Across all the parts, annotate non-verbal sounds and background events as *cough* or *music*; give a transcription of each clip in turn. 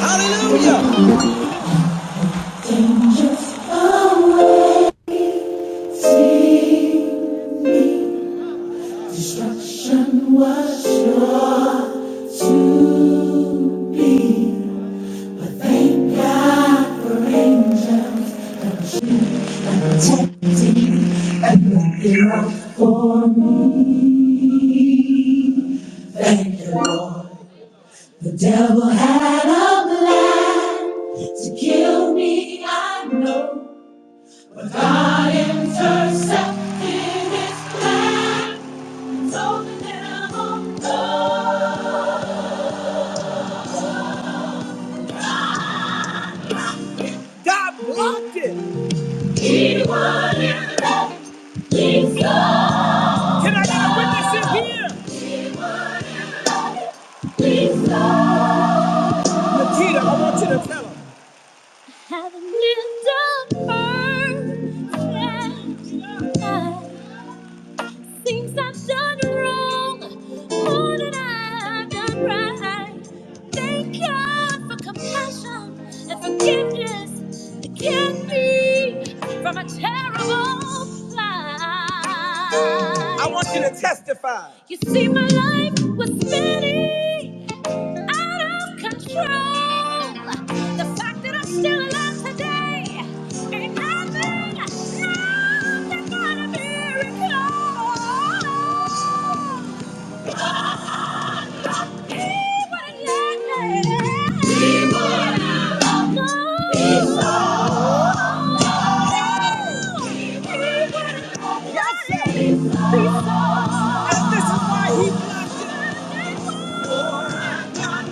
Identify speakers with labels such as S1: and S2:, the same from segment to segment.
S1: Hallelujah. I'm I I to kill me. I know, I know, the devil. God blocked it. He wanted. Can I get a witness in here? Nikita, I want you to tell him. Have lived on earth and Things I've done wrong, more than I've done right. Thank God for compassion and forgiveness that kept me from a terrible life. I want you to testify. You see, my life was spinning out of control. The fact that I'm still alive today ain't nothing, nothing but a miracle. He wouldn't let me. He wouldn't let me. No. He wouldn't let me. He wouldn't let me. And this is why he blacked out.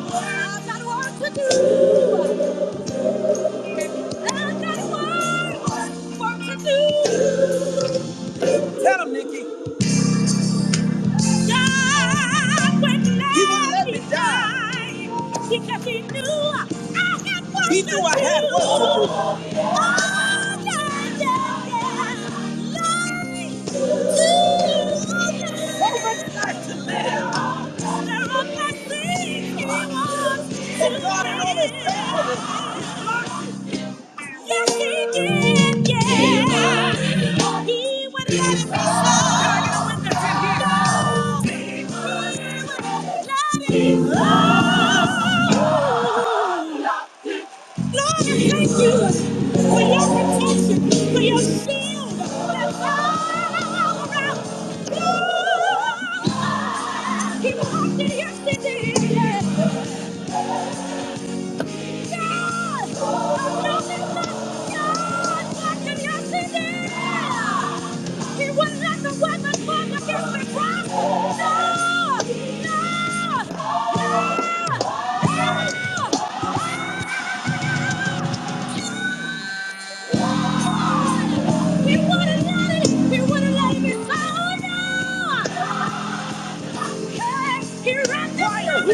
S1: got work to do. Tell him, Nikki. God would He won't let me die because He knew I had work He knew I to had do. work to do. Oh, yeah, yeah, yeah. Life too What a life to live. There are blessings He wants to Oh, God, in all His faithfulness, give. Yes, he did. Yeah. He would. He would let it be so. Can I get a witness in He would. He would let so. Lord, I thank you for your protection, for your shield that's all around. he walked in yesterday. today. Who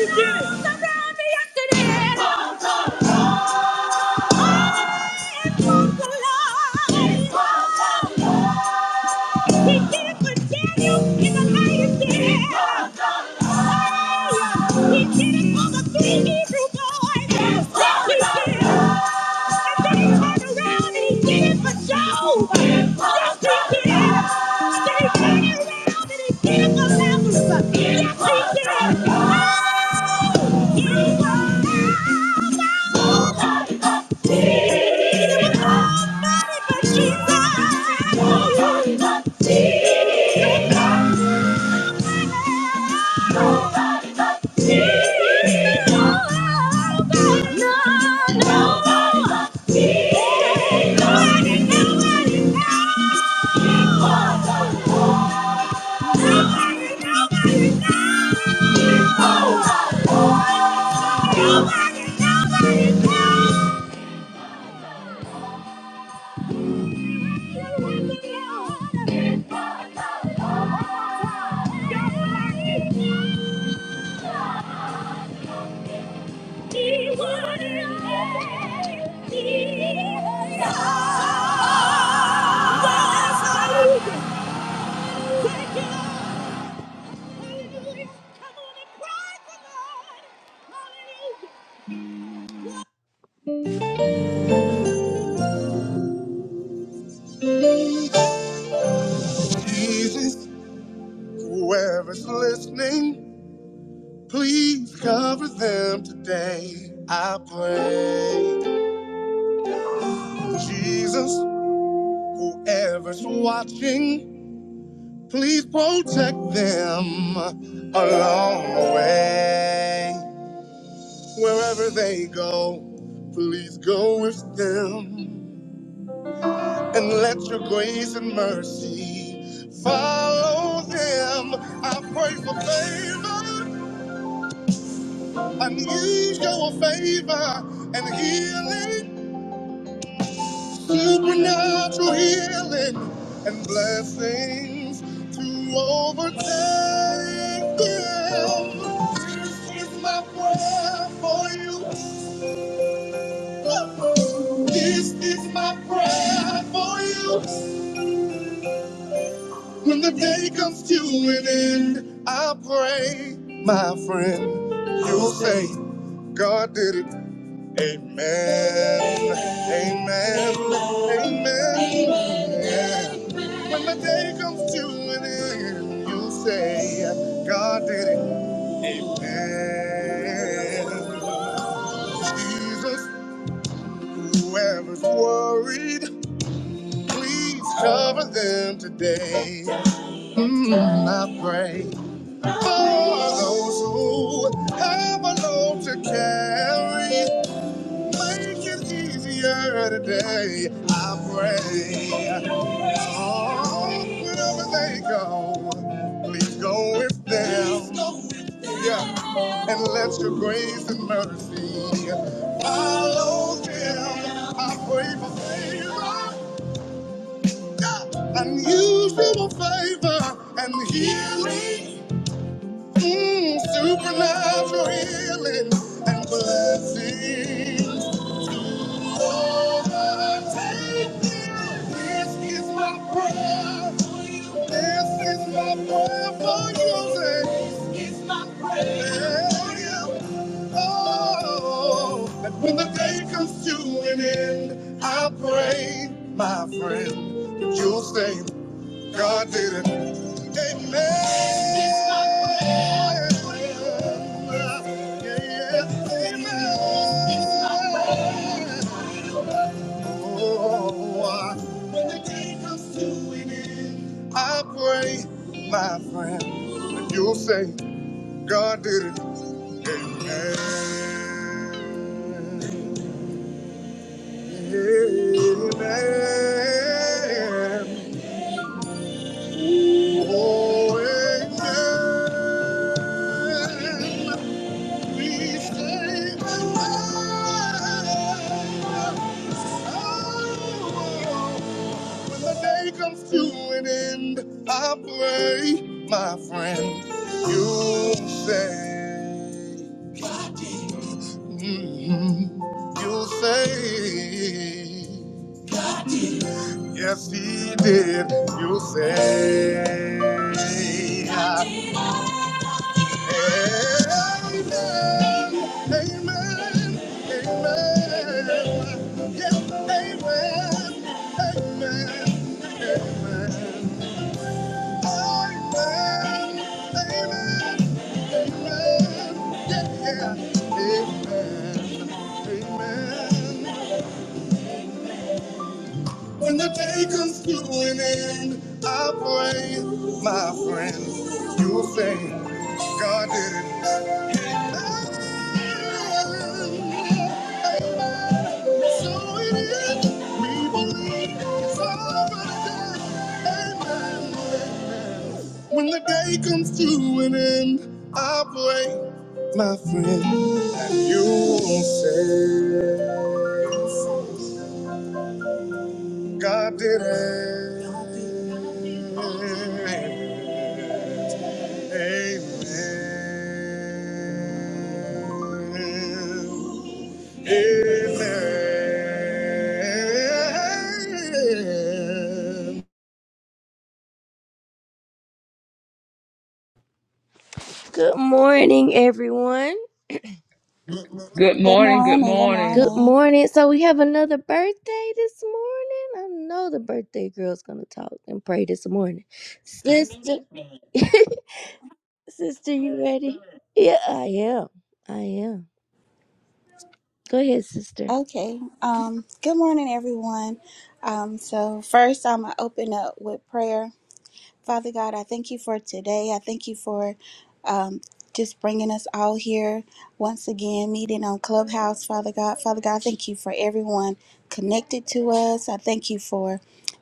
S1: did it? Around me yesterday. Yes, he did. Oh, he did. Nobody, nobody, nobody. Jesus, whoever's listening, please cover them today. I pray. Jesus, Whoever's watching, please protect them along the way. Wherever they go, please go with them and let your grace and mercy follow them. I pray for favor, unusual favor, and healing. supernatural healing and blessings to overtake them. This is my prayer for you. This is my prayer for you. When the day comes to an end, I pray, my friend, you'll say, God did it. Amen. Amen. Amen. When the day comes to an end, you'll say, God did it. And Jesus, whoever's worried, please cover them today. Mm, I pray for those who have a load to carry. Make it easier today, I pray. Oh, wherever they go, please go with them. Yeah. And let your grace and mercy follow them. I pray for favor, yeah, unusual favor and healing, mm, supernatural healing and blessing. This is my prayer. for you. This is my prayer for you. Oh, that when the day comes to an end, I pray, my friend, that you'll say, God did it. Amen. This is my prayer. Yeah, yeah. Amen. This is my prayer. Oh, when the day comes to an end, I pray, my friend, that you'll say, God did it. Amen. Amen. Oh, amen. Please say amen. Oh, When the day comes to an end, I pray, my friend, you'll say, mhm, you'll say, yes, he did. You'll say, amen, amen, amen, yes, amen, amen, amen. When the day comes to an end, I pray, my friend, you'll say, God did it. Amen. So it is. We believe it's already done. Amen. When the day comes to an end, I pray, my friend, that you won't say, God did it. Amen. Amen. Good morning, everyone.
S2: Good
S3: Good
S2: morning. Good
S3: morning. Good
S1: Good
S2: morning.
S3: morning.
S1: morning. So we have another birthday this morning. I know the birthday girl's gonna talk and pray this morning. Sister *laughs* Sister, you ready? Yeah, I am. I am. Go ahead, sister.
S3: Okay. Um, good morning, everyone. Um, so, first, I'm going to open up with prayer. Father God, I thank you for today. I thank you for um, just bringing us all here once again, meeting on Clubhouse, Father God. Father God, I thank you for everyone connected to us. I thank you for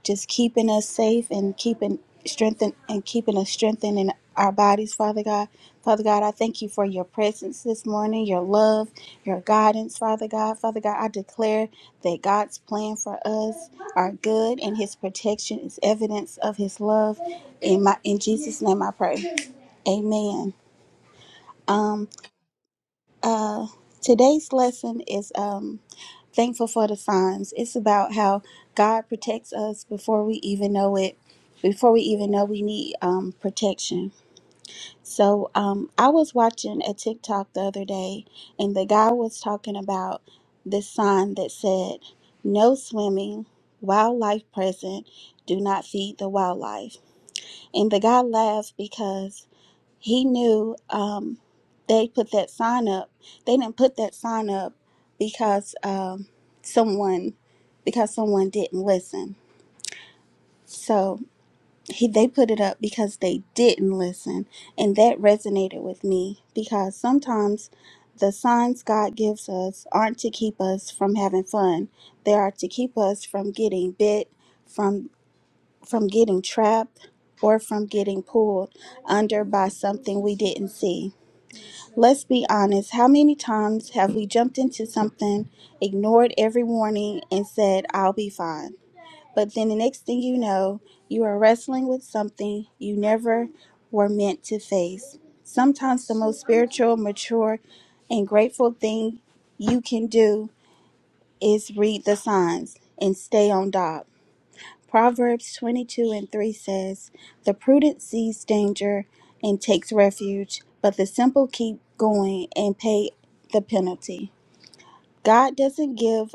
S3: just keeping us safe and keeping strengthen and keeping us strengthened in our bodies, Father God. Father God, I thank you for your presence this morning, your love, your guidance, Father God. Father God, I declare that God's plan for us are good and his protection is evidence of his love. In my in Jesus' name I pray. Amen. Um today's lesson is um Thankful for the Psalms. It's about how God protects us before we even know it, before we even know we need um, protection. So um, I was watching a TikTok the other day, and the guy was talking about this sign that said, No swimming, wildlife present, do not feed the wildlife. And the guy laughed because he knew um, they put that sign up. They didn't put that sign up because um, someone because someone didn't listen. So he they put it up because they didn't listen, and that resonated with me because sometimes the signs God gives us aren't to keep us from having fun. They are to keep us from getting bit, from from getting trapped, or from getting pulled under by something we didn't see. Let's be honest. How many times have we jumped into something, ignored every warning, and said, I'll be fine? But then the next thing you know, you are wrestling with something you never were meant to face. Sometimes the most spiritual, mature, and grateful thing you can do is read the signs and stay on dock. Proverbs 22 and 3 says, The prudent sees danger and takes refuge, but the simple keep going and pay the penalty. God doesn't give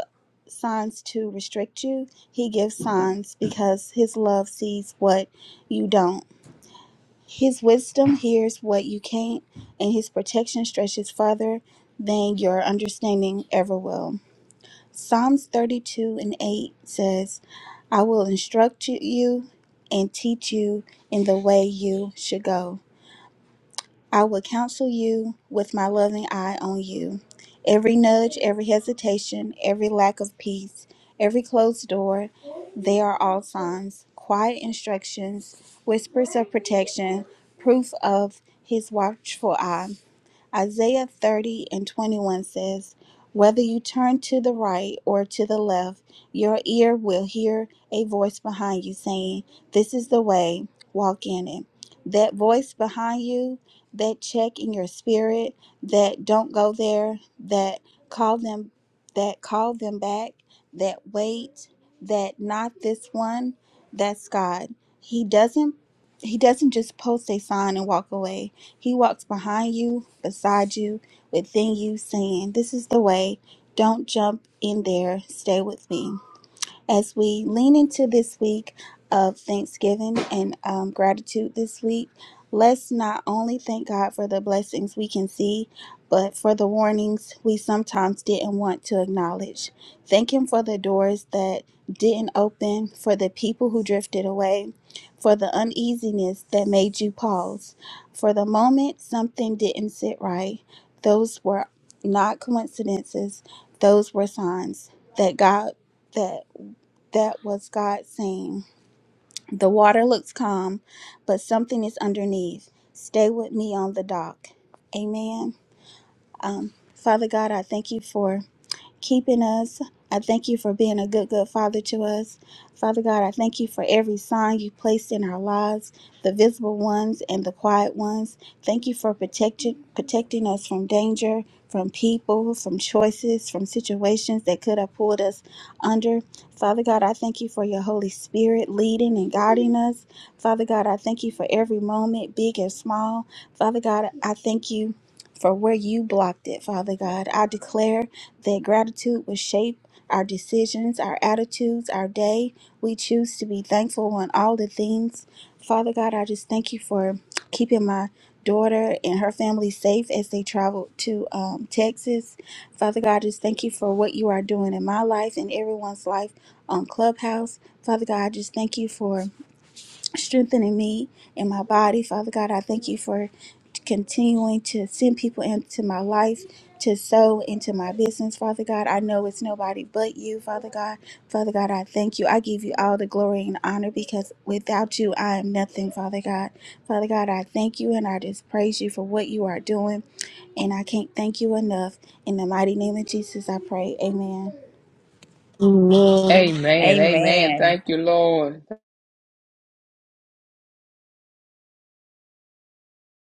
S3: signs to restrict you, He gives signs because His love sees what you don't. His wisdom hears what you can't, and His protection stretches farther than your understanding ever will. Psalms 32 and 8 says, I will instruct you and teach you in the way you should go. I will counsel you with my loving eye on you. Every nudge, every hesitation, every lack of peace, every closed door, they are all signs, quiet instructions, whispers of protection, proof of his watchful eye. Isaiah 30 and 21 says, Whether you turn to the right or to the left, your ear will hear a voice behind you saying, 'This is the way, walk in it. That voice behind you, that check in your spirit, that don't go there, that call them that call them back, that wait, that not this one, that's God. He doesn't he doesn't just post a sign and walk away. He walks behind you, beside you, within you, saying, This is the way. Don't jump in there. Stay with me as we lean into this week of Thanksgiving and um, gratitude this week, let's not only thank God for the blessings we can see, but for the warnings we sometimes didn't want to acknowledge. Thank Him for the doors that didn't open, for the people who drifted away, for the uneasiness that made you pause, for the moment something didn't sit right. Those were not coincidences, those were signs that God. that that was God saying, The water looks calm, but something is underneath. Stay with me on the dock. Amen. Um, Father God, I thank you for keeping us. I thank you for being a good, good father to us. Father God, I thank you for every sign you placed in our lives, the visible ones and the quiet ones. Thank you for protecting protecting us from danger, from people, from choices, from situations that could have pulled us under. Father God, I thank you for your Holy Spirit leading and guiding us. Father God, I thank you for every moment, big and small. Father God, I thank you for where you blocked it, Father God. I declare that gratitude will shape our decisions, our attitudes, our day. We choose to be thankful on all the things. Father God, I just thank you for keeping my daughter and her family safe as they travel to um, Texas. Father God, just thank you for what you are doing in my life and everyone's life on Clubhouse. Father God, I just thank you for strengthening me in my body. Father God, I thank you for continuing to send people into my life to sow into my business. Father God, I know it's nobody but you, Father God. Father God, I thank you. I give you all the glory and honor because without you, I am nothing, Father God. Father God, I thank you and I just praise you for what you are doing. And I can't thank you enough. In the mighty name of Jesus, I pray. Amen.
S2: Amen. Amen.
S4: Amen.
S2: Thank you, Lord.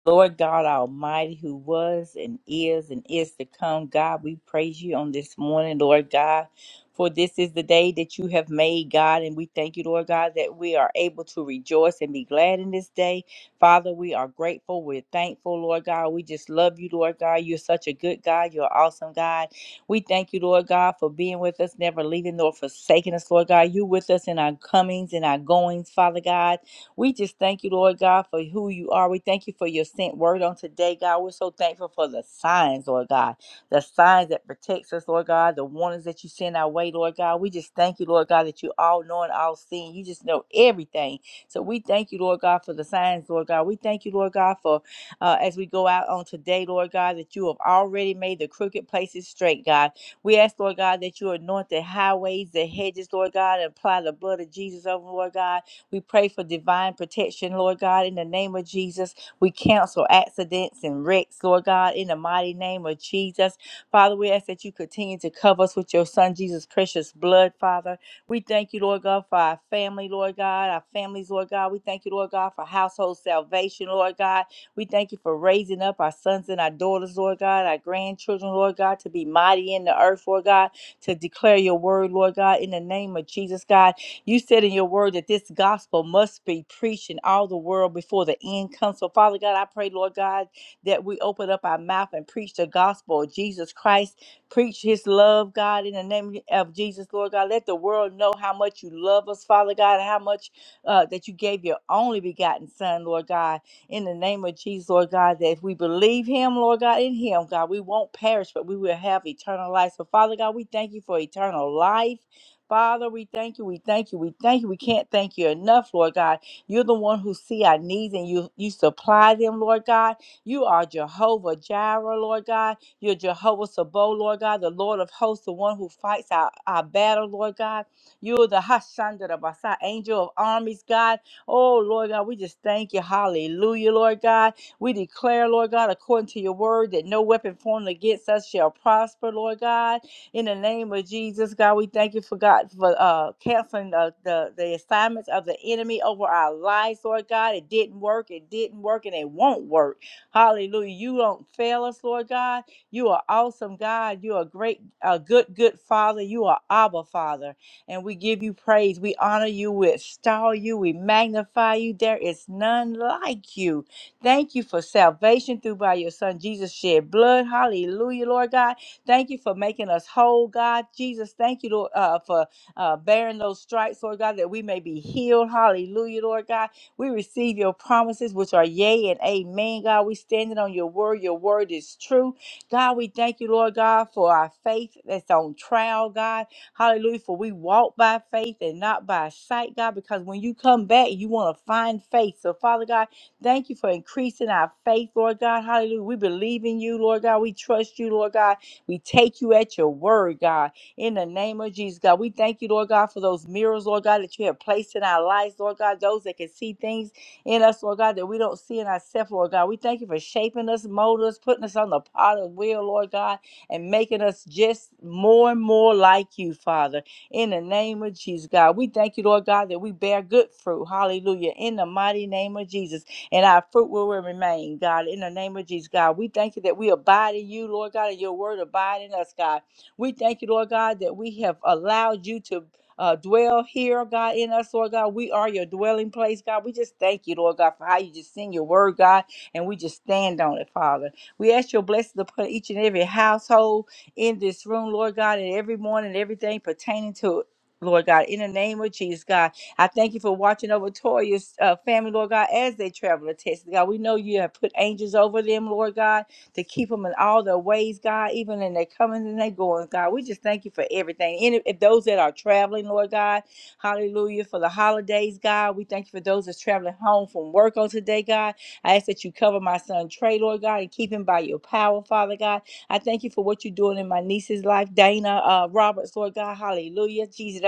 S4: Lord God Almighty, who was and is and is to come, God, we praise you on this morning, Lord God, for this is the day that you have made, God, and we thank you, Lord God, that we are able to rejoice and be glad in this day. Father, we are grateful. We're thankful, Lord God. We just love you, Lord God. You're such a good God. You're awesome, God. We thank you, Lord God, for being with us, never leaving nor forsaking us, Lord God. You with us in our comings and our goings, Father God. We just thank you, Lord God, for who you are. We thank you for your sent word on today, God. We're so thankful for the signs, Lord God, the signs that protects us, Lord God, the warnings that you send our way, Lord God. We just thank you, Lord God, that you all knowing, all seeing. You just know everything. So we thank you, Lord God, for the signs, Lord God. We thank you, Lord God, for uh, as we go out on today, Lord God, that you have already made the crooked places straight, God. We ask, Lord God, that you anoint the highways, the hedges, Lord God, and apply the blood of Jesus over, Lord God. We pray for divine protection, Lord God, in the name of Jesus. We cancel accidents and wrecks, Lord God, in the mighty name of Jesus. Father, we ask that you continue to cover us with your Son, Jesus' precious blood, Father. We thank you, Lord God, for our family, Lord God, our families, Lord God. We thank you, Lord God, for household salvation, Lord God. We thank you for raising up our sons and our daughters, Lord God, our grandchildren, Lord God, to be mighty in the earth, Lord God, to declare your word, Lord God, in the name of Jesus, God. You said in your word that this gospel must be preached in all the world before the end comes. So, Father God, I pray, Lord God, that we open up our mouth and preach the gospel of Jesus Christ. Preach his love, God, in the name of Jesus, Lord God. Let the world know how much you love us, Father God, and how much uh, that you gave your only begotten Son, Lord God in the name of Jesus, Lord God, that if we believe Him, Lord God, in Him, God, we won't perish, but we will have eternal life. So, Father God, we thank you for eternal life. Father, we thank you. We thank you. We thank you. We can't thank you enough, Lord God. You're the one who see our needs and you you supply them, Lord God. You are Jehovah Jireh, Lord God. You're Jehovah Sabo, Lord God, the Lord of hosts, the one who fights our, our battle, Lord God. You're the Hashandra Basa, angel of armies, God. Oh, Lord God, we just thank you. Hallelujah, Lord God. We declare, Lord God, according to your word, that no weapon formed against us shall prosper, Lord God. In the name of Jesus, God, we thank you for God for uh, canceling the, the the assignments of the enemy over our lives, Lord God. It didn't work. It didn't work, and it won't work. Hallelujah! You don't fail us, Lord God. You are awesome, God. You are great, a good, good Father. You are Abba Father, and we give you praise. We honor you. We extol you. We magnify you. There is none like you. Thank you for salvation through by your Son Jesus shed blood. Hallelujah, Lord God. Thank you for making us whole, God. Jesus, thank you, Lord, uh, for uh, bearing those stripes, Lord God, that we may be healed. Hallelujah, Lord God. We receive your promises, which are yea and amen, God. We standing on your word. Your word is true. God, we thank you, Lord God, for our faith that's on trial, God. Hallelujah. For we walk by faith and not by sight, God, because when you come back, you want to find faith. So, Father God, thank you for increasing our faith, Lord God. Hallelujah. We believe in you, Lord God. We trust you, Lord God. We take you at your word, God. In the name of Jesus, God, we thank you, Lord God, for those mirrors, Lord God, that you have placed in our lives, Lord God, those that can see things in us, Lord God, that we don't see in ourselves, Lord God. We thank you for shaping us, molding us, putting us on the potter's wheel, Lord God, and making us just more and more like you, Father. In the name of Jesus, God, we thank you, Lord God, that we bear good fruit. Hallelujah. In the mighty name of Jesus and our fruit will remain, God. In the name of Jesus, God, we thank you that we abide in you, Lord God, and your word abide in us, God. We thank you, Lord God, that we have allowed you to. Uh, dwell here, God, in us, Lord God. We are your dwelling place, God. We just thank you, Lord God, for how you just send your word, God, and we just stand on it, Father. We ask your blessing upon each and every household in this room, Lord God, and every morning, everything pertaining to it, Lord God, in the name of Jesus, God. I thank you for watching over Toya's uh, family, Lord God, as they travel to Texas. God, we know you have put angels over them, Lord God, to keep them in all their ways, God, even in their comings and their goings, God. We just thank you for everything. And if if those that are traveling, Lord God, hallelujah, for the holidays, God, we thank you for those that's traveling home from work on today, God. I ask that you cover my son Trey, Lord God, and keep him by your power, Father God. I thank you for what you're doing in my niece's life, Dana uh, Roberts, Lord God, hallelujah. Jesus,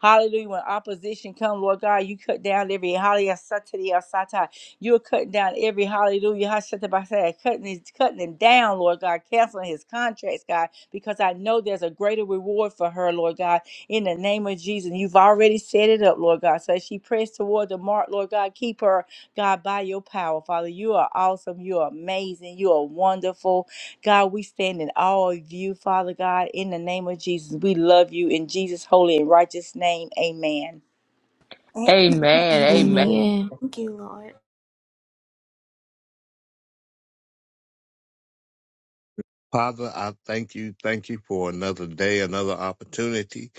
S4: Hallelujah. When opposition come, Lord God, you cut down every hallelujah. Satari, asata. You're cutting down every hallelujah. Hashatabasai, Cutting his, cutting him down, Lord God, canceling his contracts, God, because I know there's a greater reward for her, Lord God, in the name of Jesus. You've already set it up, Lord God. So as she prays toward the mark, Lord God, keep her, God, by your power, Father. You are awesome. You are amazing. You are wonderful. God, we stand in awe of you, Father God, in the name of Jesus. We love you in Jesus' holy and righteous name. Amen.
S3: Thank
S2: Amen. Amen.
S5: Amen.
S1: Amen.
S3: you, Lord.
S6: Father, I thank you. Thank you for another day, another opportunity.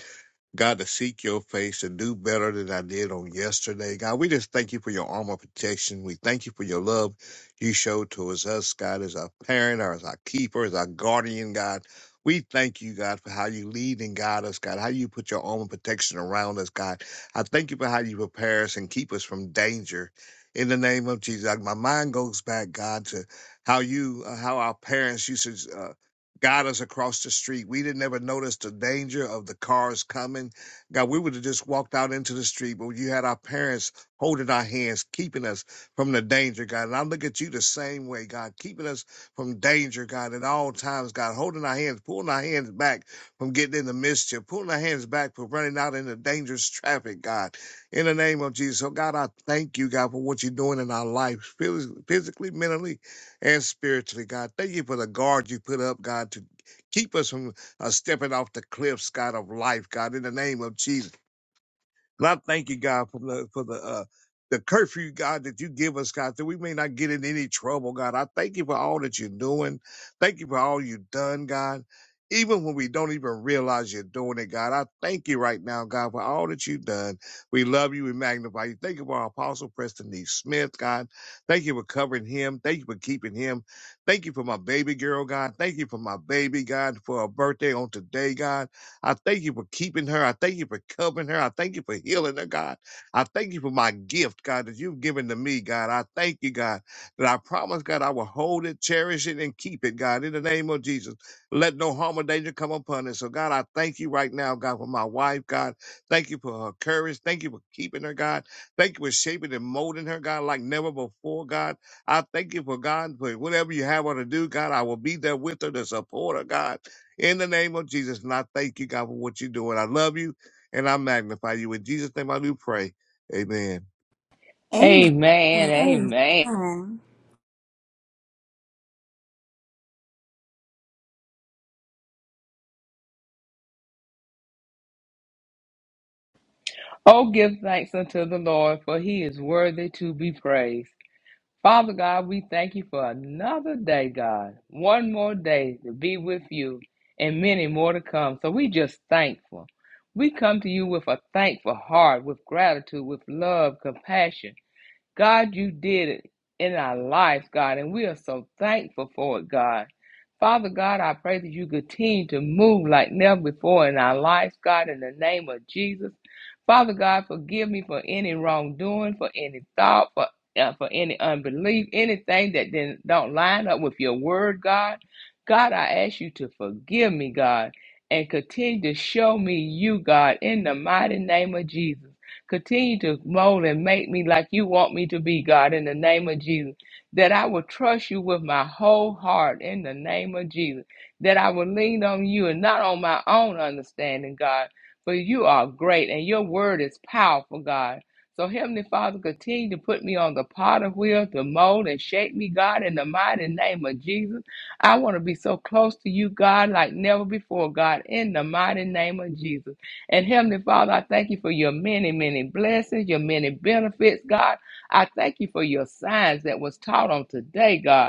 S6: God, to seek your face and do better than I did on yesterday. God, we just thank you for your armor protection. We thank you for your love you showed towards us, God, as our parent or as our keeper, as our guardian, God. We thank you, God, for how you lead and guide us, God, how you put your armor protection around us, God. I thank you for how you prepare us and keep us from danger. In the name of Jesus, Like, my mind goes back, God, to how you, uh, how our parents used to. Uh, guide us across the street. We didn't ever notice the danger of the cars coming. God, we would have just walked out into the street, but you had our parents holding our hands, keeping us from the danger, God. And I look at you the same way, God, keeping us from danger, God, at all times, God, holding our hands, pulling our hands back from getting into mischief, pulling our hands back from running out into dangerous traffic, God. In the name of Jesus. So, God, I thank you, God, for what you're doing in our life, physically, mentally, and spiritually, God. Thank you for the guard you put up, God, to keep us from uh, stepping off the cliffs, God, of life, God, in the name of Jesus. God, I thank you, God, for the for the uh the curfew, God, that you give us, God, that we may not get in any trouble, God. I thank you for all that you're doing. Thank you for all you've done, God. Even when we don't even realize you're doing it, God, I thank you right now, God, for all that you've done. We love you. We magnify you. Thank you for our apostle, Preston D. Smith, God. Thank you for covering him. Thank you for keeping him. Thank you for my baby girl, God. Thank you for my baby, God, for her birthday on today, God. I thank you for keeping her. I thank you for covering her. I thank you for healing her, God. I thank you for my gift, God, that you've given to me, God. I thank you, God, that I promise, God, I will hold it, cherish it, and keep it, God, in the name of Jesus. Let no harm or danger come upon it. So, God, I thank you right now, God, for my wife, God. Thank you for her courage. Thank you for keeping her, God. Thank you for shaping and molding her, God, like never before, God. I thank you for God, for whatever you have her to do, God, I will be there with her to support her, God. In the name of Jesus, and I thank you, God, for what you're doing. I love you and I magnify you. In Jesus' name, I do pray. Amen.
S3: Amen.
S2: Amen. Amen.
S3: Amen.
S2: Oh, give thanks unto the Lord, for he is worthy to be praised. Father God, we thank you for another day, God. One more day to be with you and many more to come. So we just thankful. We come to you with a thankful heart, with gratitude, with love, compassion God, you did it in our lives, God, and we are so thankful for it, God. Father God, I pray that you continue to move like never before in our lives, God, in the name of Jesus. Father God, forgive me for any wrongdoing, for any thought, for uh, for any unbelief, anything that then don't line up with your word, God. God, I ask you to forgive me, God, and continue to show me you, God, in the mighty name of Jesus. Continue to mold and make me like you want me to be, God, in the name of Jesus. That I will trust you with my whole heart in the name of Jesus. That I will lean on you and not on my own understanding, God. For you are great and your word is powerful, God. So, Heavenly Father, continue to put me on the potter wheel to mold and shape me, God, in the mighty name of Jesus. I want to be so close to you, God, like never before, God, in the mighty name of Jesus. And Heavenly Father, I thank you for your many, many blessings, your many benefits, God. I thank you for your signs that was taught on today, God.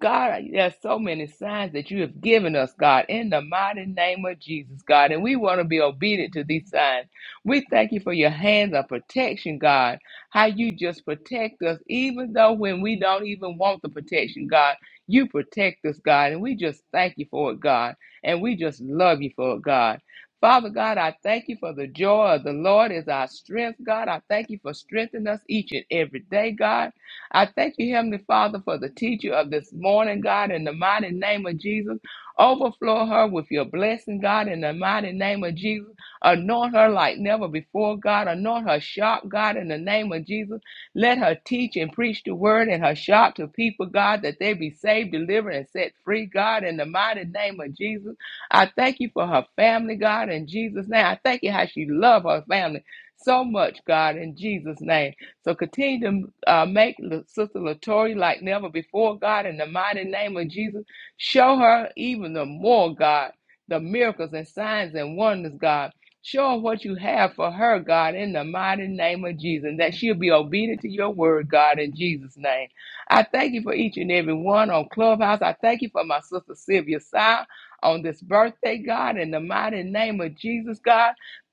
S2: God, there's so many signs that you have given us, God, in the mighty name of Jesus, God, and we want to be obedient to these signs. We thank you for your hands of protection, God, how you just protect us, even though when we don't even want the protection, God, you protect us, God, and we just thank you for it, God, and we just love you for it, God. Father God, I thank you for the joy of the Lord is our strength, God. I thank you for strengthening us each and every day, God. I thank you, Heavenly Father, for the teacher of this morning, God, in the mighty name of Jesus. Overflow her with your blessing, God, in the mighty name of Jesus. Anoint her like never before, God. Anoint her sharp, God, in the name of Jesus. Let her teach and preach the word and her sharp to people, God, that they be saved, delivered, and set free, God, in the mighty name of Jesus. I thank you for her family, God, in Jesus' name. I thank you how she loves her family so much, God, in Jesus' name. So continue to uh, make La- Sister Latoya like never before, God, in the mighty name of Jesus. Show her even the more, God, the miracles and signs and wonders, God. Show her what you have for her, God, in the mighty name of Jesus, and that she'll be obedient to your word, God, in Jesus' name. I thank you for each and every one on Clubhouse. I thank you for my sister Sylvia Sy on this birthday, God, in the mighty name of Jesus, God.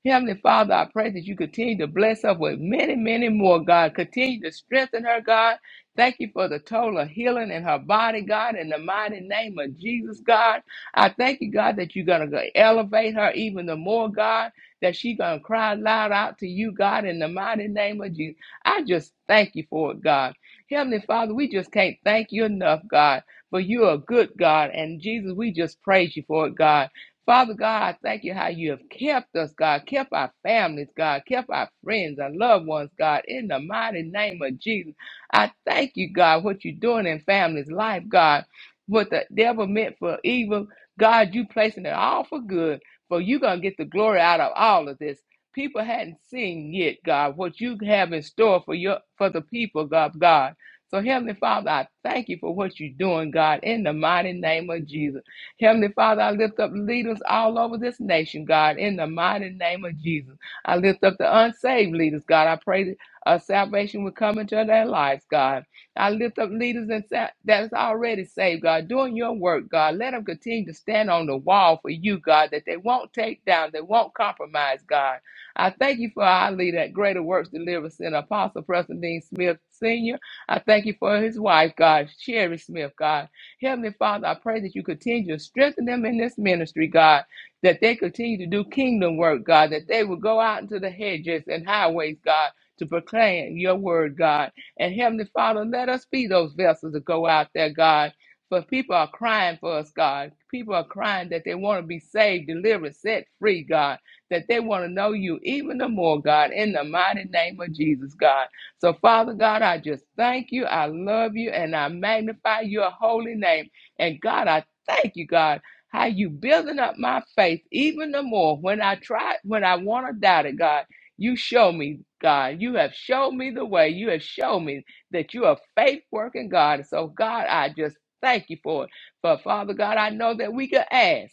S2: Heavenly Father, I pray that you continue to bless her with many, many more, God. Continue to strengthen her, God. Thank you for the total healing in her body, God, in the mighty name of Jesus, God. I thank you, God, that you're going to elevate her even the more, God, that she's going to cry loud out to you, God, in the mighty name of Jesus. I just thank you for it, God. Heavenly Father, we just can't thank you enough, God, for you're a good God. And Jesus, we just praise you for it, God. Father God, thank you how you have kept us, God, kept our families, God, kept our friends, our loved ones, God, in the mighty name of Jesus. I thank you, God, what you're doing in families' life, God. What the devil meant for evil, God, you placing it all for good, for you're going to get the glory out of all of this. People hadn't seen yet, God, what you have in store for your for the people, God, God. So, Heavenly Father, I thank you for what you're doing, God, in the mighty name of Jesus. Heavenly Father, I lift up leaders all over this nation, God, in the mighty name of Jesus. I lift up the unsaved leaders, God. I pray that uh, salvation will come into their lives, God. I lift up leaders and sa- that is already saved, God, doing your work, God. Let them continue to stand on the wall for you, God, that they won't take down, they won't compromise, God. I thank you for our leader at Greater Works Deliverance Center, Apostle Preston Dean Smith Sr. I thank you for his wife, God, Sherry Smith, God. Heavenly Father, I pray that you continue to strengthen them in this ministry, God, that they continue to do kingdom work, God, that they will go out into the hedges and highways, God, to proclaim your word, God. And Heavenly Father, let us be those vessels that go out there, God. For people are crying for us, God. People are crying that they want to be saved, delivered, set free, God. That they want to know you even the more, God, in the mighty name of Jesus, God. So, Father God, I just thank you. I love you and I magnify your holy name. And God, I thank you, God, how you building up my faith even the more when I try, when I want to doubt it, God. You show me, God. You have shown me the way. You have shown me that you are faith working, God. So, God, I just thank you for it. But, Father God, I know that we can ask.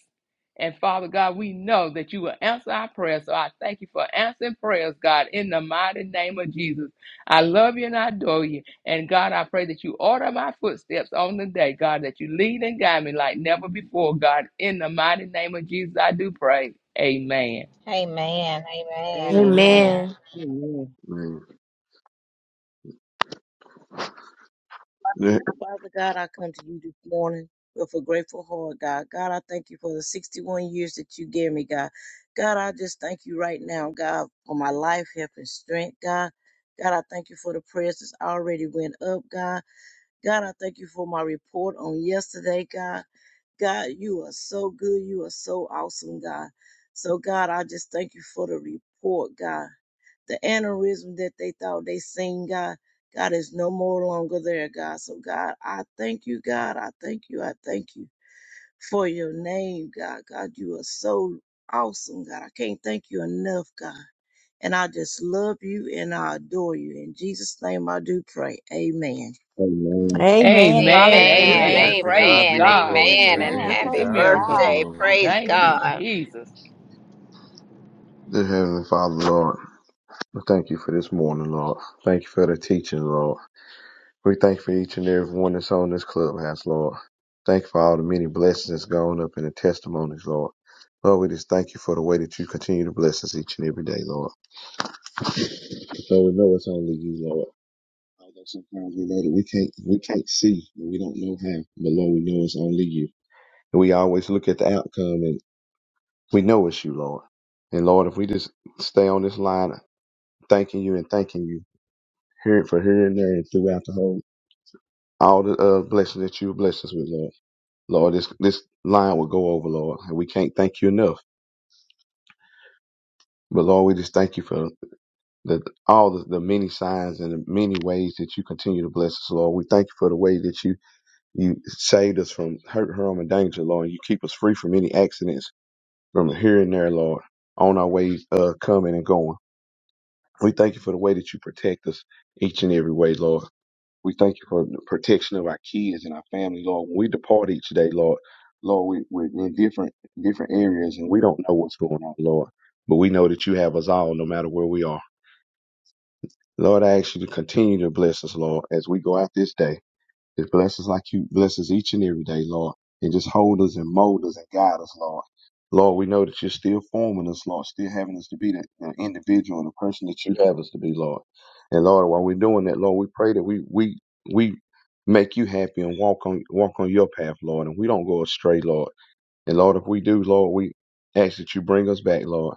S2: And Father God, we know that you will answer our prayers. So I thank you for answering prayers, God, in the mighty name of Jesus. I love you and I adore you. And God, I pray that you order my footsteps on the day, God, that you lead and guide me like never before, God. In the mighty name of Jesus, I do pray. Amen.
S7: Amen. Amen. Amen.
S1: Amen.
S5: Amen.
S8: Amen. Dear
S5: Father God, I come to you this morning with a grateful heart, God. God, I thank you for the 61 years that you gave me, God. God, I just thank you right now, God, for my life, health, and strength, God. God, I thank you for the prayers that's already went up, God. God, I thank you for my report on yesterday, God. God, you are so good. You are so awesome, God. So, God, I just thank you for the report, God. the aneurysm that they thought they seen, God. God is no more longer there, God. So, God, I thank you, God. I thank you. I thank you for your name, God. God, you are so awesome, God. I can't thank you enough, God. And I just love you and I adore you. In Jesus' name, I do pray. Amen.
S8: Amen.
S4: Amen.
S2: Amen.
S6: Amen.
S7: Amen,
S2: Amen.
S6: Amen.
S4: Hallelujah.
S6: To
S2: Praise
S6: God be
S7: amen,
S6: the
S2: God.
S6: glory.
S7: amen, and
S2: Praise.
S3: Amen.
S6: Amen.
S2: Look
S6: To
S2: at
S7: happy
S2: the
S3: Praise
S6: God be the
S2: miracle.
S3: God.
S7: birthday.
S6: glory.
S3: Hallelujah.
S7: Praise
S2: Thank you,
S7: God.
S2: Jesus.
S8: Dear Heavenly Father, Lord, we thank you for this morning, Lord. Thank you for the teaching, Lord. We thank you for each and every one that's on this clubhouse, Lord. Thank you for all the many blessings that's gone up in the testimonies, Lord. Lord, we just thank you for the way that you continue to bless us each and every day, Lord. So we know it's only you, Lord. Although sometimes we know that we can't we can't see and we don't know how, but Lord, we know it's only you. And we always look at the outcome and we know it's you, Lord. And Lord, if we just stay on this line thanking you and thanking you here for here and there and throughout the whole all the uh, blessings that you blessed us with, Lord. Lord, this this line will go over, Lord, and we can't thank you enough. But Lord, we just thank you for the all the, the many signs and the many ways that you continue to bless us, Lord. We thank you for the way that you you saved us from hurt, harm, and danger, Lord. You keep us free from any accidents from here and there, Lord, on our ways uh, coming and going. We thank you for the way that you protect us each and every way, Lord. We thank you for the protection of our kids and our family, Lord. When we depart each day, Lord, Lord, we, we're in different different areas and we don't know what's going on, Lord. But we know that you have us all no matter where we are. Lord, I ask you to continue to bless us, Lord, as we go out this day. Just bless us like you bless us each and every day, Lord. And just hold us and mold us and guide us, Lord. Lord, we know that you're still forming us, Lord, still having us to be that, that individual and the person that you have us to be, Lord. And Lord, while we're doing that, Lord, we pray that we we we make you happy and walk on walk on your path, Lord, and we don't go astray, Lord. And Lord, if we do, Lord, we ask that you bring us back, Lord.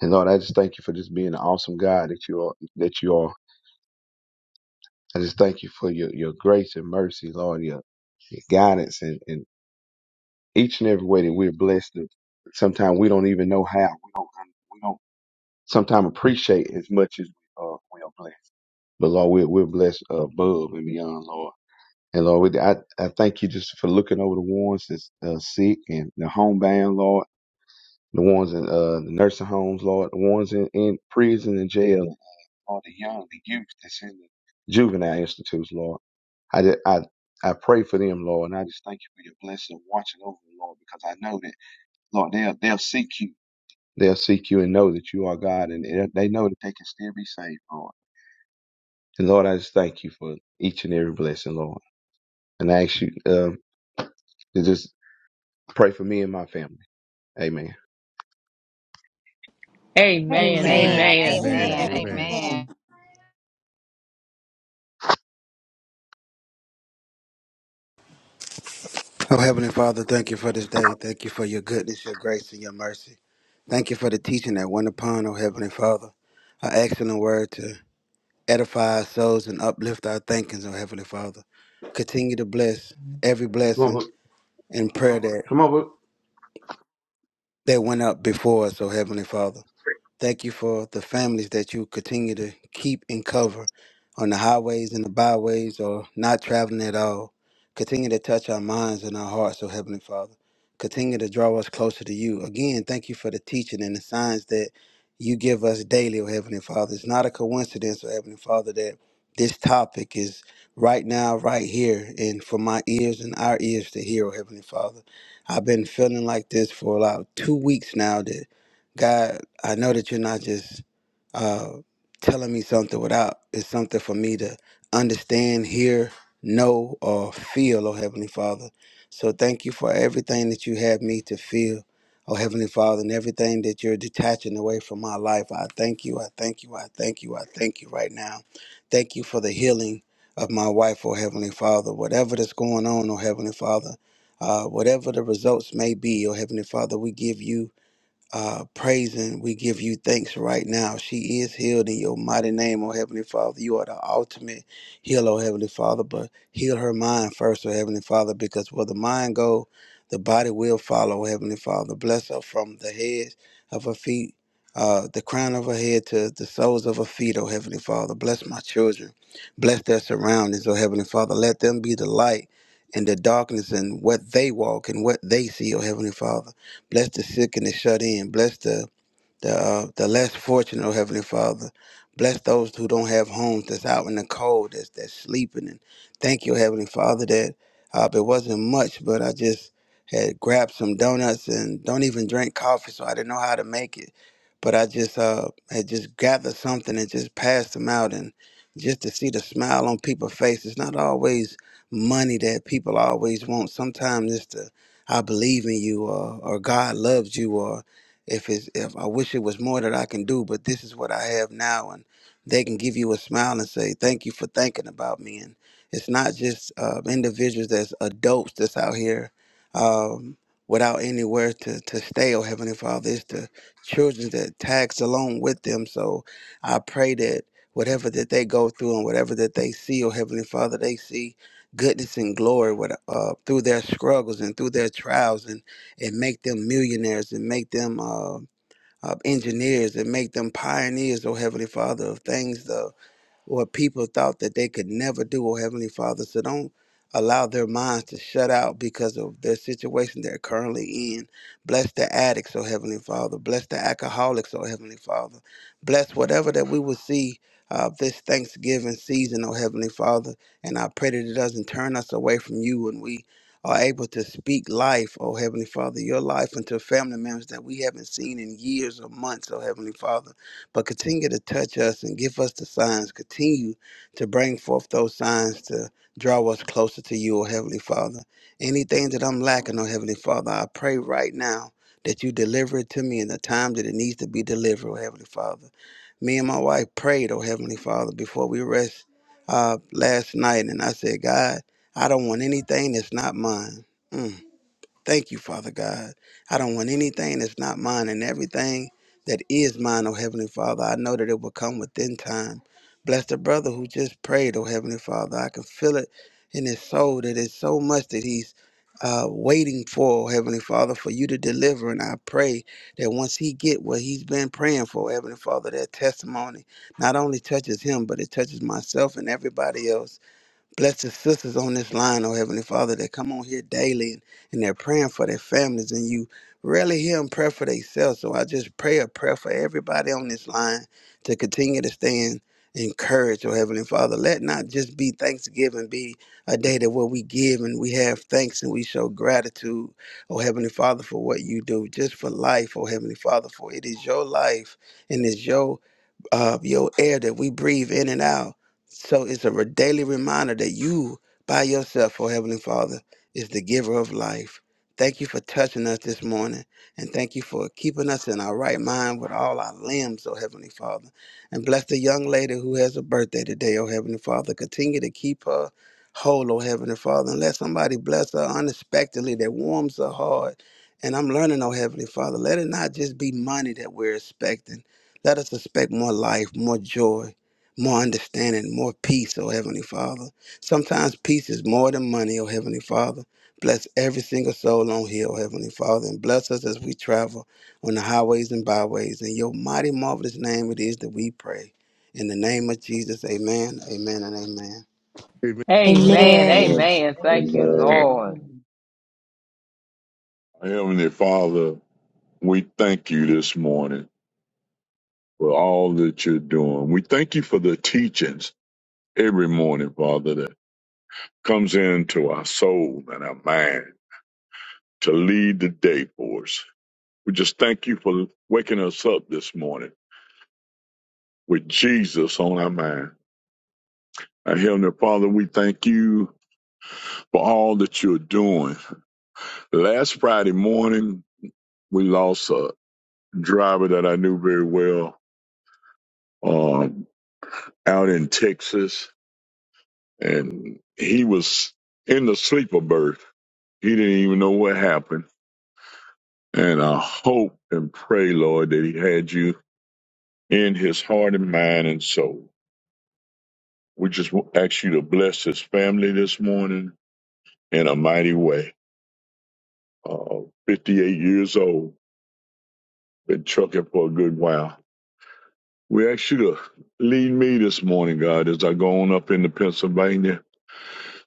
S8: And Lord, I just thank you for just being an awesome God that you are that you are. I just thank you for your, your grace and mercy, Lord, your, your guidance and, and each and every way that we're blessed. Sometimes we don't even know how. We don't, we don't sometimes appreciate as much as uh, we are blessed. But Lord, we're, we're blessed above and beyond, Lord. And Lord, we, I, I thank you just for looking over the ones that's uh, sick and the homebound, Lord, the ones in uh, the nursing homes, Lord, the ones in, in prison and jail, Lord, the young, the youth that's in the juvenile institutes, Lord. I, ju- I, I pray for them, Lord, and I just thank you for your blessing and watching over them, Lord, because I know that, Lord, they'll, they'll seek you. They'll seek you and know that you are God, and they they know that they can still be saved, Lord. And Lord, I just thank you for each and every blessing, Lord. And I ask you um, to just pray for me and my family. Amen.
S2: Amen.
S1: Amen.
S7: Amen,
S6: Amen.
S2: Amen.
S5: Amen.
S6: Amen.
S7: amen,
S2: Thank you.
S6: Amen.
S7: amen,
S5: Amen.
S9: Oh, Heavenly Father, thank you for this day. Thank you for your goodness, your grace, and your mercy. Thank you for the teaching that went upon, oh Heavenly Father. Our excellent word to edify our souls and uplift our thinkings, oh Heavenly Father. Continue to bless every
S8: Come on,
S9: blessing
S8: book.
S9: and prayer that,
S8: come on, book.
S9: that went up before us, oh Heavenly Father. Thank you for the families that you continue to keep and cover on the highways and the byways or not traveling at all. Continue to touch our minds and our hearts, oh Heavenly Father. Continue to draw us closer to you. Again, thank you for the teaching and the signs that you give us daily, oh Heavenly Father. It's not a coincidence, oh Heavenly Father, that this topic is right now, right here, and for my ears and our ears to hear, oh Heavenly Father. I've been feeling like this for about two weeks now. that. God, I know that you're not just uh, telling me something without it's something for me to understand, hear, know, or feel, oh Heavenly Father. So thank you for everything that you have me to feel, oh Heavenly Father, and everything that you're detaching away from my life. I thank you, I thank you, I thank you, I thank you right now. Thank you for the healing of my wife, oh Heavenly Father. Whatever that's going on, oh Heavenly Father, uh, whatever the results may be, oh Heavenly Father, we give you uh, praising. We give you thanks right now. She is healed in your mighty name, oh Heavenly Father. You are the ultimate healer, oh Heavenly Father. But heal her mind first, oh Heavenly Father, because where the mind go, the body will follow, oh Heavenly Father. Bless her from the head of her feet, uh, the crown of her head to the soles of her feet, oh Heavenly Father. Bless my children. Bless their surroundings, oh Heavenly Father. Let them be the light in the darkness and what they walk and what they see, oh Heavenly Father. Bless the sick and the shut in. Bless the the uh, the less fortunate, oh Heavenly Father. Bless those who don't have homes, that's out in the cold, that's that's sleeping. And thank you, Heavenly Father, that uh, it wasn't much, but I just had grabbed some donuts and don't even drink coffee, so I didn't know how to make it. But I just uh, had just gathered something and just passed them out, and just to see the smile on people's faces. Not always money that people always want. Sometimes it's the I believe in you, or, or God loves you, or if it's if I wish it was more that I can do, but this is what I have now, and they can give you a smile and say thank you for thinking about me. And it's not just uh, individuals that's adults that's out here um, without anywhere to to stay. Oh Heavenly Father, it's the children that tags along with them. So I pray that whatever that they go through and whatever that they see, oh Heavenly Father, they see goodness and glory with, uh, through their struggles and through their trials and and make them millionaires and make them uh, uh, engineers and make them pioneers, oh Heavenly Father, of things. the or people thought that they could never do, oh Heavenly Father. So don't allow their minds to shut out because of their situation they're currently in. Bless the addicts, oh Heavenly Father. Bless the alcoholics, oh Heavenly Father. Bless whatever that we will see uh, this Thanksgiving season, oh Heavenly Father. And I pray that it doesn't turn us away from you and we are able to speak life, oh Heavenly Father, your life into family members that we haven't seen in years or months, oh Heavenly Father but continue to touch us and give us the signs. Continue to bring forth those signs to draw us closer to you, O Heavenly Father. Anything that I'm lacking, O Heavenly Father, I pray right now that you deliver it to me in the time that it needs to be delivered, O Heavenly Father. Me and my wife prayed, O Heavenly Father, before we rest uh, last night, and I said, God, I don't want anything that's not mine. Mm. Thank you, Father God. I don't want anything that's not mine, and everything that is mine, oh Heavenly Father, I know that it will come within time. Bless the brother who just prayed, oh Heavenly Father. I can feel it in his soul that it's so much that he's uh, waiting for, oh Heavenly Father, for you to deliver. And I pray that once he get what he's been praying for, oh Heavenly Father, that testimony not only touches him, but it touches myself and everybody else. Bless the sisters on this line, oh Heavenly Father, that come on here daily and, and they're praying for their families, and you rarely hear them pray for themselves. So I just pray a prayer for everybody on this line to continue to stand encouraged, oh Heavenly Father. Let not just be Thanksgiving be a day that where we give and we have thanks and we show gratitude, oh Heavenly Father, for what you do, just for life, oh Heavenly Father, for it is your life and it's your uh, your air that we breathe in and out. So it's a daily reminder that you, by yourself, oh Heavenly Father, is the giver of life. Thank you for touching us this morning, and thank you for keeping us in our right mind with all our limbs, oh Heavenly Father. And bless the young lady who has a birthday today, oh Heavenly Father. Continue to keep her whole, oh Heavenly Father, and let somebody bless her unexpectedly that warms her heart. And I'm learning, oh Heavenly Father, let it not just be money that we're expecting let us expect more life, more joy, more understanding, more peace, oh Heavenly Father. Sometimes peace is more than money, oh Heavenly Father. Bless every single soul on here, oh Heavenly Father, and bless us as we travel on the highways and byways. In your mighty, marvelous name it is that we pray. In the name of Jesus, amen, amen, and amen.
S6: Amen. Amen.
S2: Amen.
S1: Amen.
S7: amen.
S10: Amen.
S5: Amen.
S2: Amen. Thank you,
S10: Amen.
S2: Lord.
S5: Amen.
S10: Heavenly Father, we thank you this morning for all that you're doing. We thank you for the teachings every morning, Father, that comes into our soul and our mind to lead the day for us. We just thank you for waking us up this morning with Jesus on our mind. Our Heavenly Father, we thank you for all that you're doing. Last Friday morning, we lost a driver that I knew very well. uh, out in Texas, and he was in the sleeper berth. He didn't even know what happened. And I hope and pray, Lord, that he had you in his heart and mind and soul. We just wa- ask you to bless his family this morning in a mighty way. Uh, 58 years old, been trucking for a good while. We ask you to lead me this morning, God, as I go on up into Pennsylvania.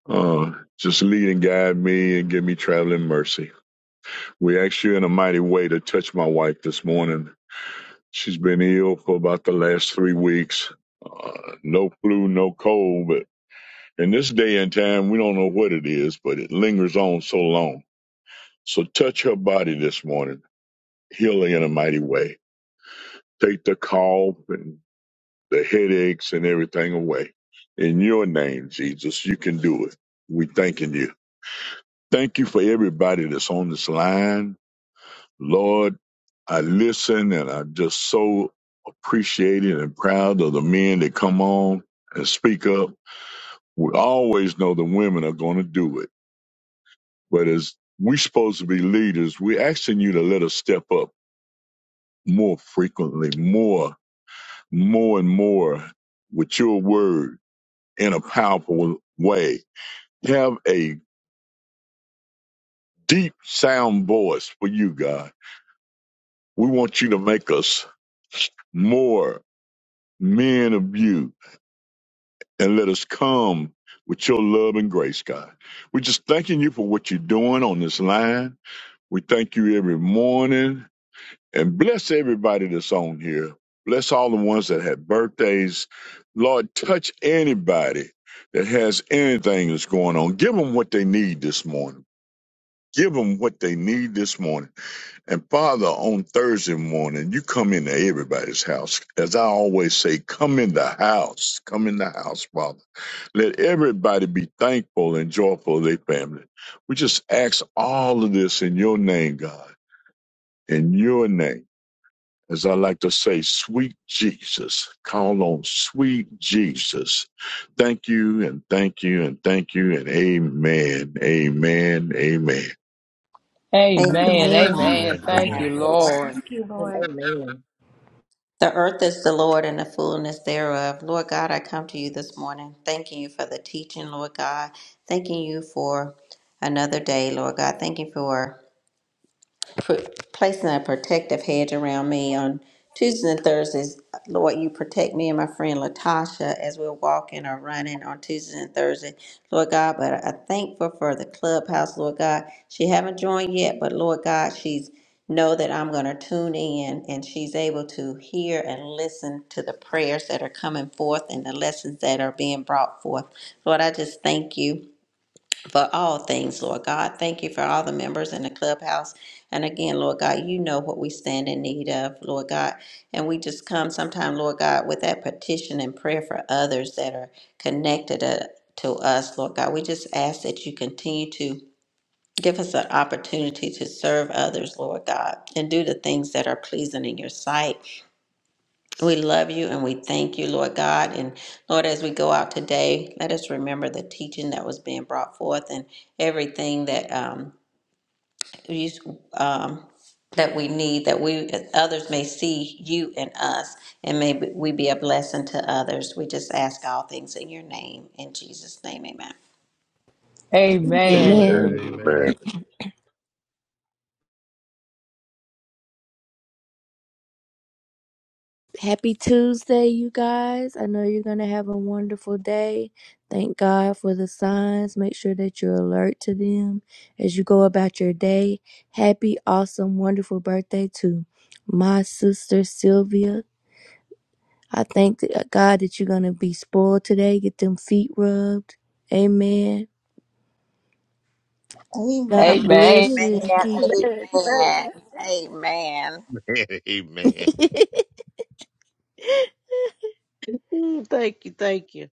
S10: Uh, just lead and guide me and give me traveling mercy. We ask you in a mighty way to touch my wife this morning. She's been ill for about the last three weeks. Uh, no flu, no cold, but in this day and time, we don't know what it is, but it lingers on so long. So touch her body this morning. Heal her in a mighty way. Take the cough and the headaches and everything away. In your name, Jesus, you can do it. We thanking you. Thank you for everybody that's on this line. Lord, I listen and I'm just so appreciated and proud of the men that come on and speak up. We always know the women are going to do it, but as we are supposed to be leaders, we're asking you to let us step up more frequently, more, more and more with your word in a powerful way. Have a deep sound voice for you, God. We want you to make us more men of you and let us come with your love and grace, God. We're just thanking you for what you're doing on this line. We thank you every morning and bless everybody that's on here. Bless all the ones that had birthdays. Lord, touch anybody that has anything that's going on. Give them what they need this morning. Give them what they need this morning. And Father, on Thursday morning, you come into everybody's house. As I always say, come in the house. Come in the house, Father let everybody be thankful and joyful of their family. We just ask all of this in your name, God, in your name. As I like to say, sweet Jesus, call on sweet Jesus. Thank you and thank you and thank you and amen, amen, amen.
S3: Thank
S7: Amen.
S2: Amen.
S1: Amen.
S2: Amen.
S6: Amen.
S2: Thank
S6: Amen.
S2: you, Lord.
S3: you, Lord.
S5: Amen.
S7: The earth is the Lord and the fullness thereof. Lord God, I come to you this morning, thanking you for the teaching, Lord God. Thanking you for another day, Lord God. Thank you for pr- placing a protective hedge around me on Tuesdays and Thursdays. Lord, you protect me and my friend Latasha as we're walking or running on Tuesdays and Thursdays. Lord God, but I thankful for the clubhouse, Lord God. She haven't joined yet, but Lord God, she's know that I'm going to tune in and she's able to hear and listen to the prayers that are coming forth and the lessons that are being brought forth. Lord, I just thank you for all things, Lord God. Thank you for all the members in the clubhouse. And again, Lord God, you know what we stand in need of, Lord God. And we just come sometime, Lord God, with that petition and prayer for others that are connected uh, to us, Lord God. We just ask that you continue to give us an opportunity to serve others, Lord God, and do the things that are pleasing in your sight. We love you and we thank you, Lord God. And Lord, as we go out today, let us remember the teaching that was being brought forth and everything that um, you, um, that we need, that we others may see you and us, and may we be a blessing to others. We just ask all things in your name, in Jesus' name, Amen.
S2: Amen.
S1: Amen.
S6: Amen.
S10: Amen.
S6: Amen.
S1: Happy Tuesday, you guys. I know you're going to have a wonderful day. Thank God for the signs. Make sure that you're alert to them as you go about your day. Happy, awesome, wonderful birthday to my sister Sylvia. I thank th- uh, God that you're going to be spoiled today. Get them feet rubbed. Amen.
S3: Amen.
S1: God
S2: Amen.
S1: bless you and keep
S7: Amen. Amen. Amen.
S6: *laughs* Amen.
S1: it.
S5: Mm, Thank you. Thank you.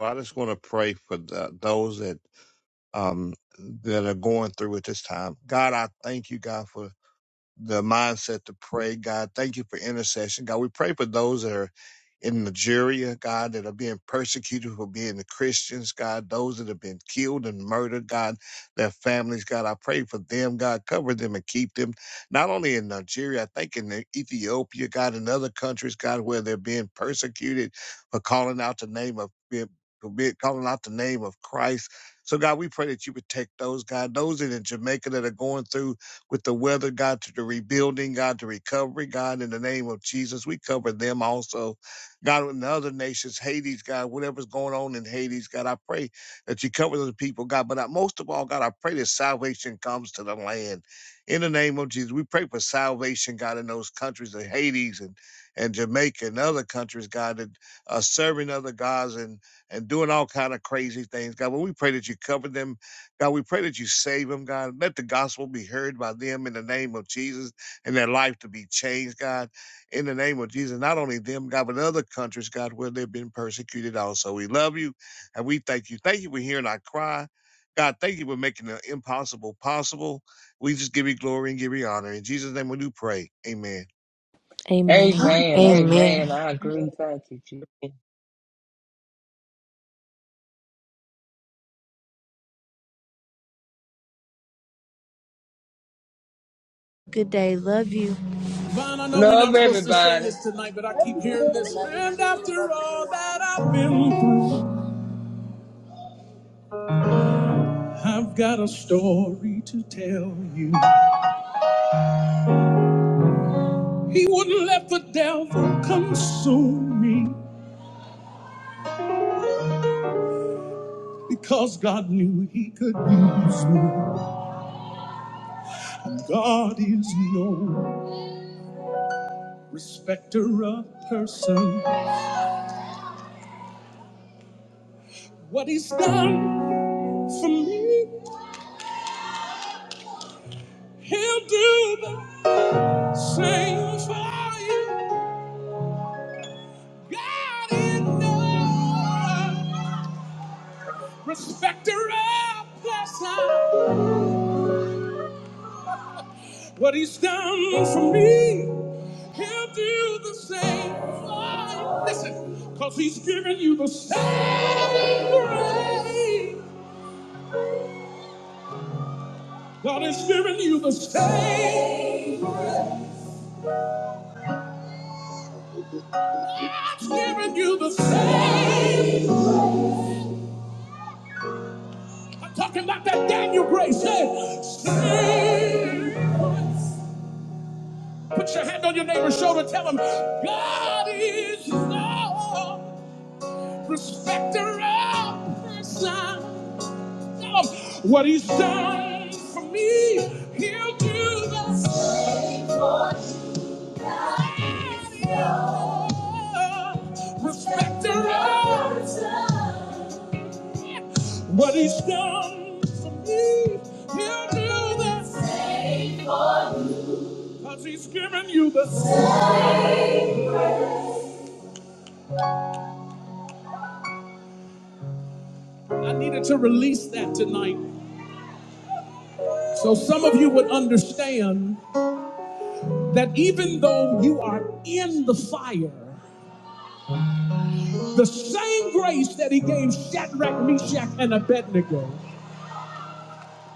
S6: I just want to pray for the, those that um that are going through at this time. God, I thank you, God, for the mindset to pray. God, thank you for intercession. God, we pray for those that are in Nigeria, God, that are being persecuted for being the Christians, God, those that have been killed and murdered, God, their families, God, I pray for them, God, cover them and keep them. Not only in Nigeria, I think in Ethiopia, God, in other countries, God, where they're being persecuted for calling out the name of for be- calling out the name of Christ. So God, we pray that you protect those, God, those in Jamaica that are going through with the weather, God, to the rebuilding, God, to recovery, God, in the name of Jesus. We cover them also. God, in the other nations, Hades, God, whatever's going on in Hades, God, I pray that you cover those people, God. But I, most of all, God, I pray that salvation comes to the land. In the name of Jesus, we pray for salvation, God, in those countries of Hades and, and Jamaica and other countries, God, that are serving other gods and, and doing all kind of crazy things, God. But we pray that you cover them God, we pray that you save them, God. Let the gospel be heard by them in the name of Jesus and their life to be changed, God, in the name of Jesus. Not only them, God, but other countries, God, where they've been persecuted also. We love you and we thank you. Thank you for hearing our cry. God, thank you for making the impossible possible. We just give you glory and give you honor. In Jesus' name we do pray. Amen.
S1: *laughs* Amen.
S2: Amen.
S1: Amen.
S2: Amen. I agree. Thank you, Jesus.
S1: Good day. Love you. Vaughn, I know we're
S2: Love
S1: not supposed to sing this
S2: everybody.
S1: tonight, but I keep hearing this. And after all that I've been through, I've got a story to tell you. He wouldn't let the devil consume me because God knew he could use me. God is no respecter of person. What he's done for me, he'll do the same for you. God is love, respecter of blessing. What he's done for me, he'll do the same for you. Listen, because he's given you the same grace. God has given you the same. God's given you the same. I'm talking about that Daniel grace. Say, same. Put your hand on your neighbor's shoulder. Tell him, God is the respecter of person. Tell him, what he's done for me, he'll do the same. Respecter of person. What he's done for me, he'll do the same. Because he's given you the same. I needed to release that tonight. So some of you would understand. that even though you are in the fire, the same grace that he gave Shadrach, Meshach, and Abednego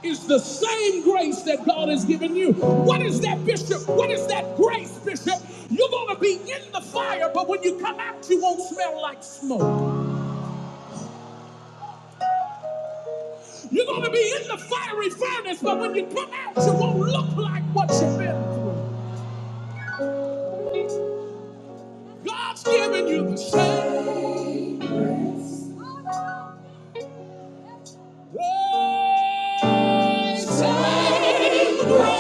S1: is the same grace that God has given you. What is that, Bishop? What is that grace, Bishop? You're going to be in the fire, but when you come out, you won't smell like smoke. You're going to be in the fiery furnace, but when you come out, you won't look like what you've been through. God's given you the same. Save grace.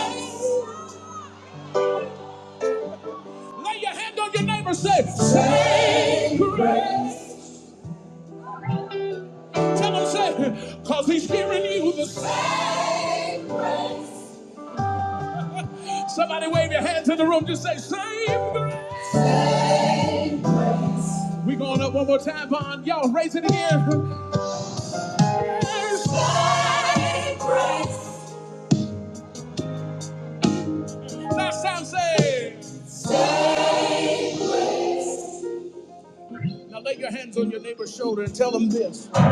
S1: Lay your hand on your neighbor, say, Save grace. Tell him, say, because he's hearing you the same. Somebody wave your hands in the room, just say, Save grace. we going up one more time, Bond. Y'all raise it again. Save grace. Last time, say, now lay your hands on your neighbor's shoulder and tell them this. To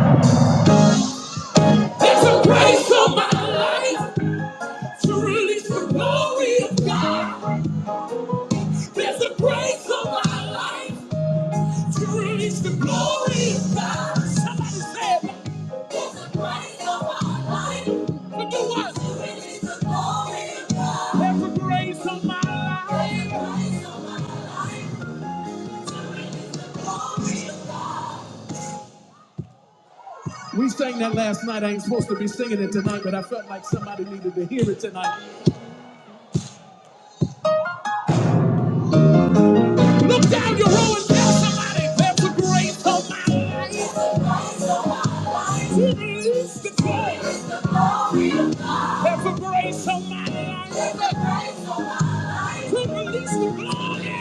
S1: Praise the glory of God. Somebody say To do what? We sang that last night. I ain't supposed to be singing it tonight, but I felt like somebody needed to hear it tonight. Look down your row and tell somebody there's a grace on my life. Release the glory? There's a grace on my life. Release the glory?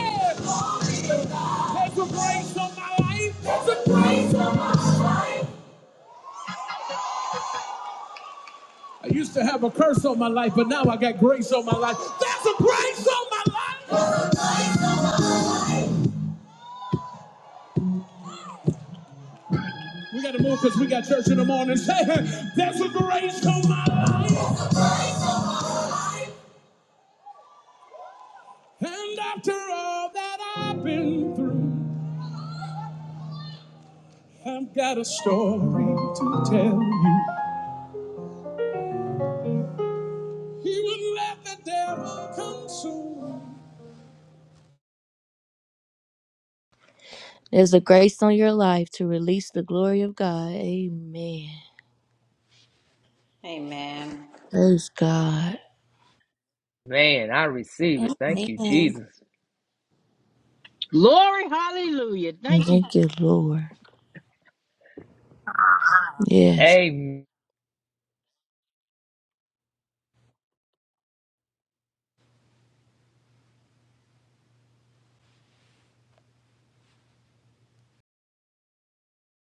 S1: There's a grace on my life. There's a grace on my life. I used to have a curse on my life, but now I got grace on my life. There's a grace on my life. We got to move because we got church in the morning. *laughs* Say, there's a grace on my life. And after all that I've been through, I've got a story to tell you. He wouldn't let the devil consume. There's a grace on your life to release the glory of God. Amen.
S7: Amen.
S1: Praise God.
S2: Man, I receive it. Thank you,
S3: Amen.
S2: Jesus.
S4: Glory, hallelujah. Thank you,
S1: Thank you, Lord. Yes.
S2: Amen.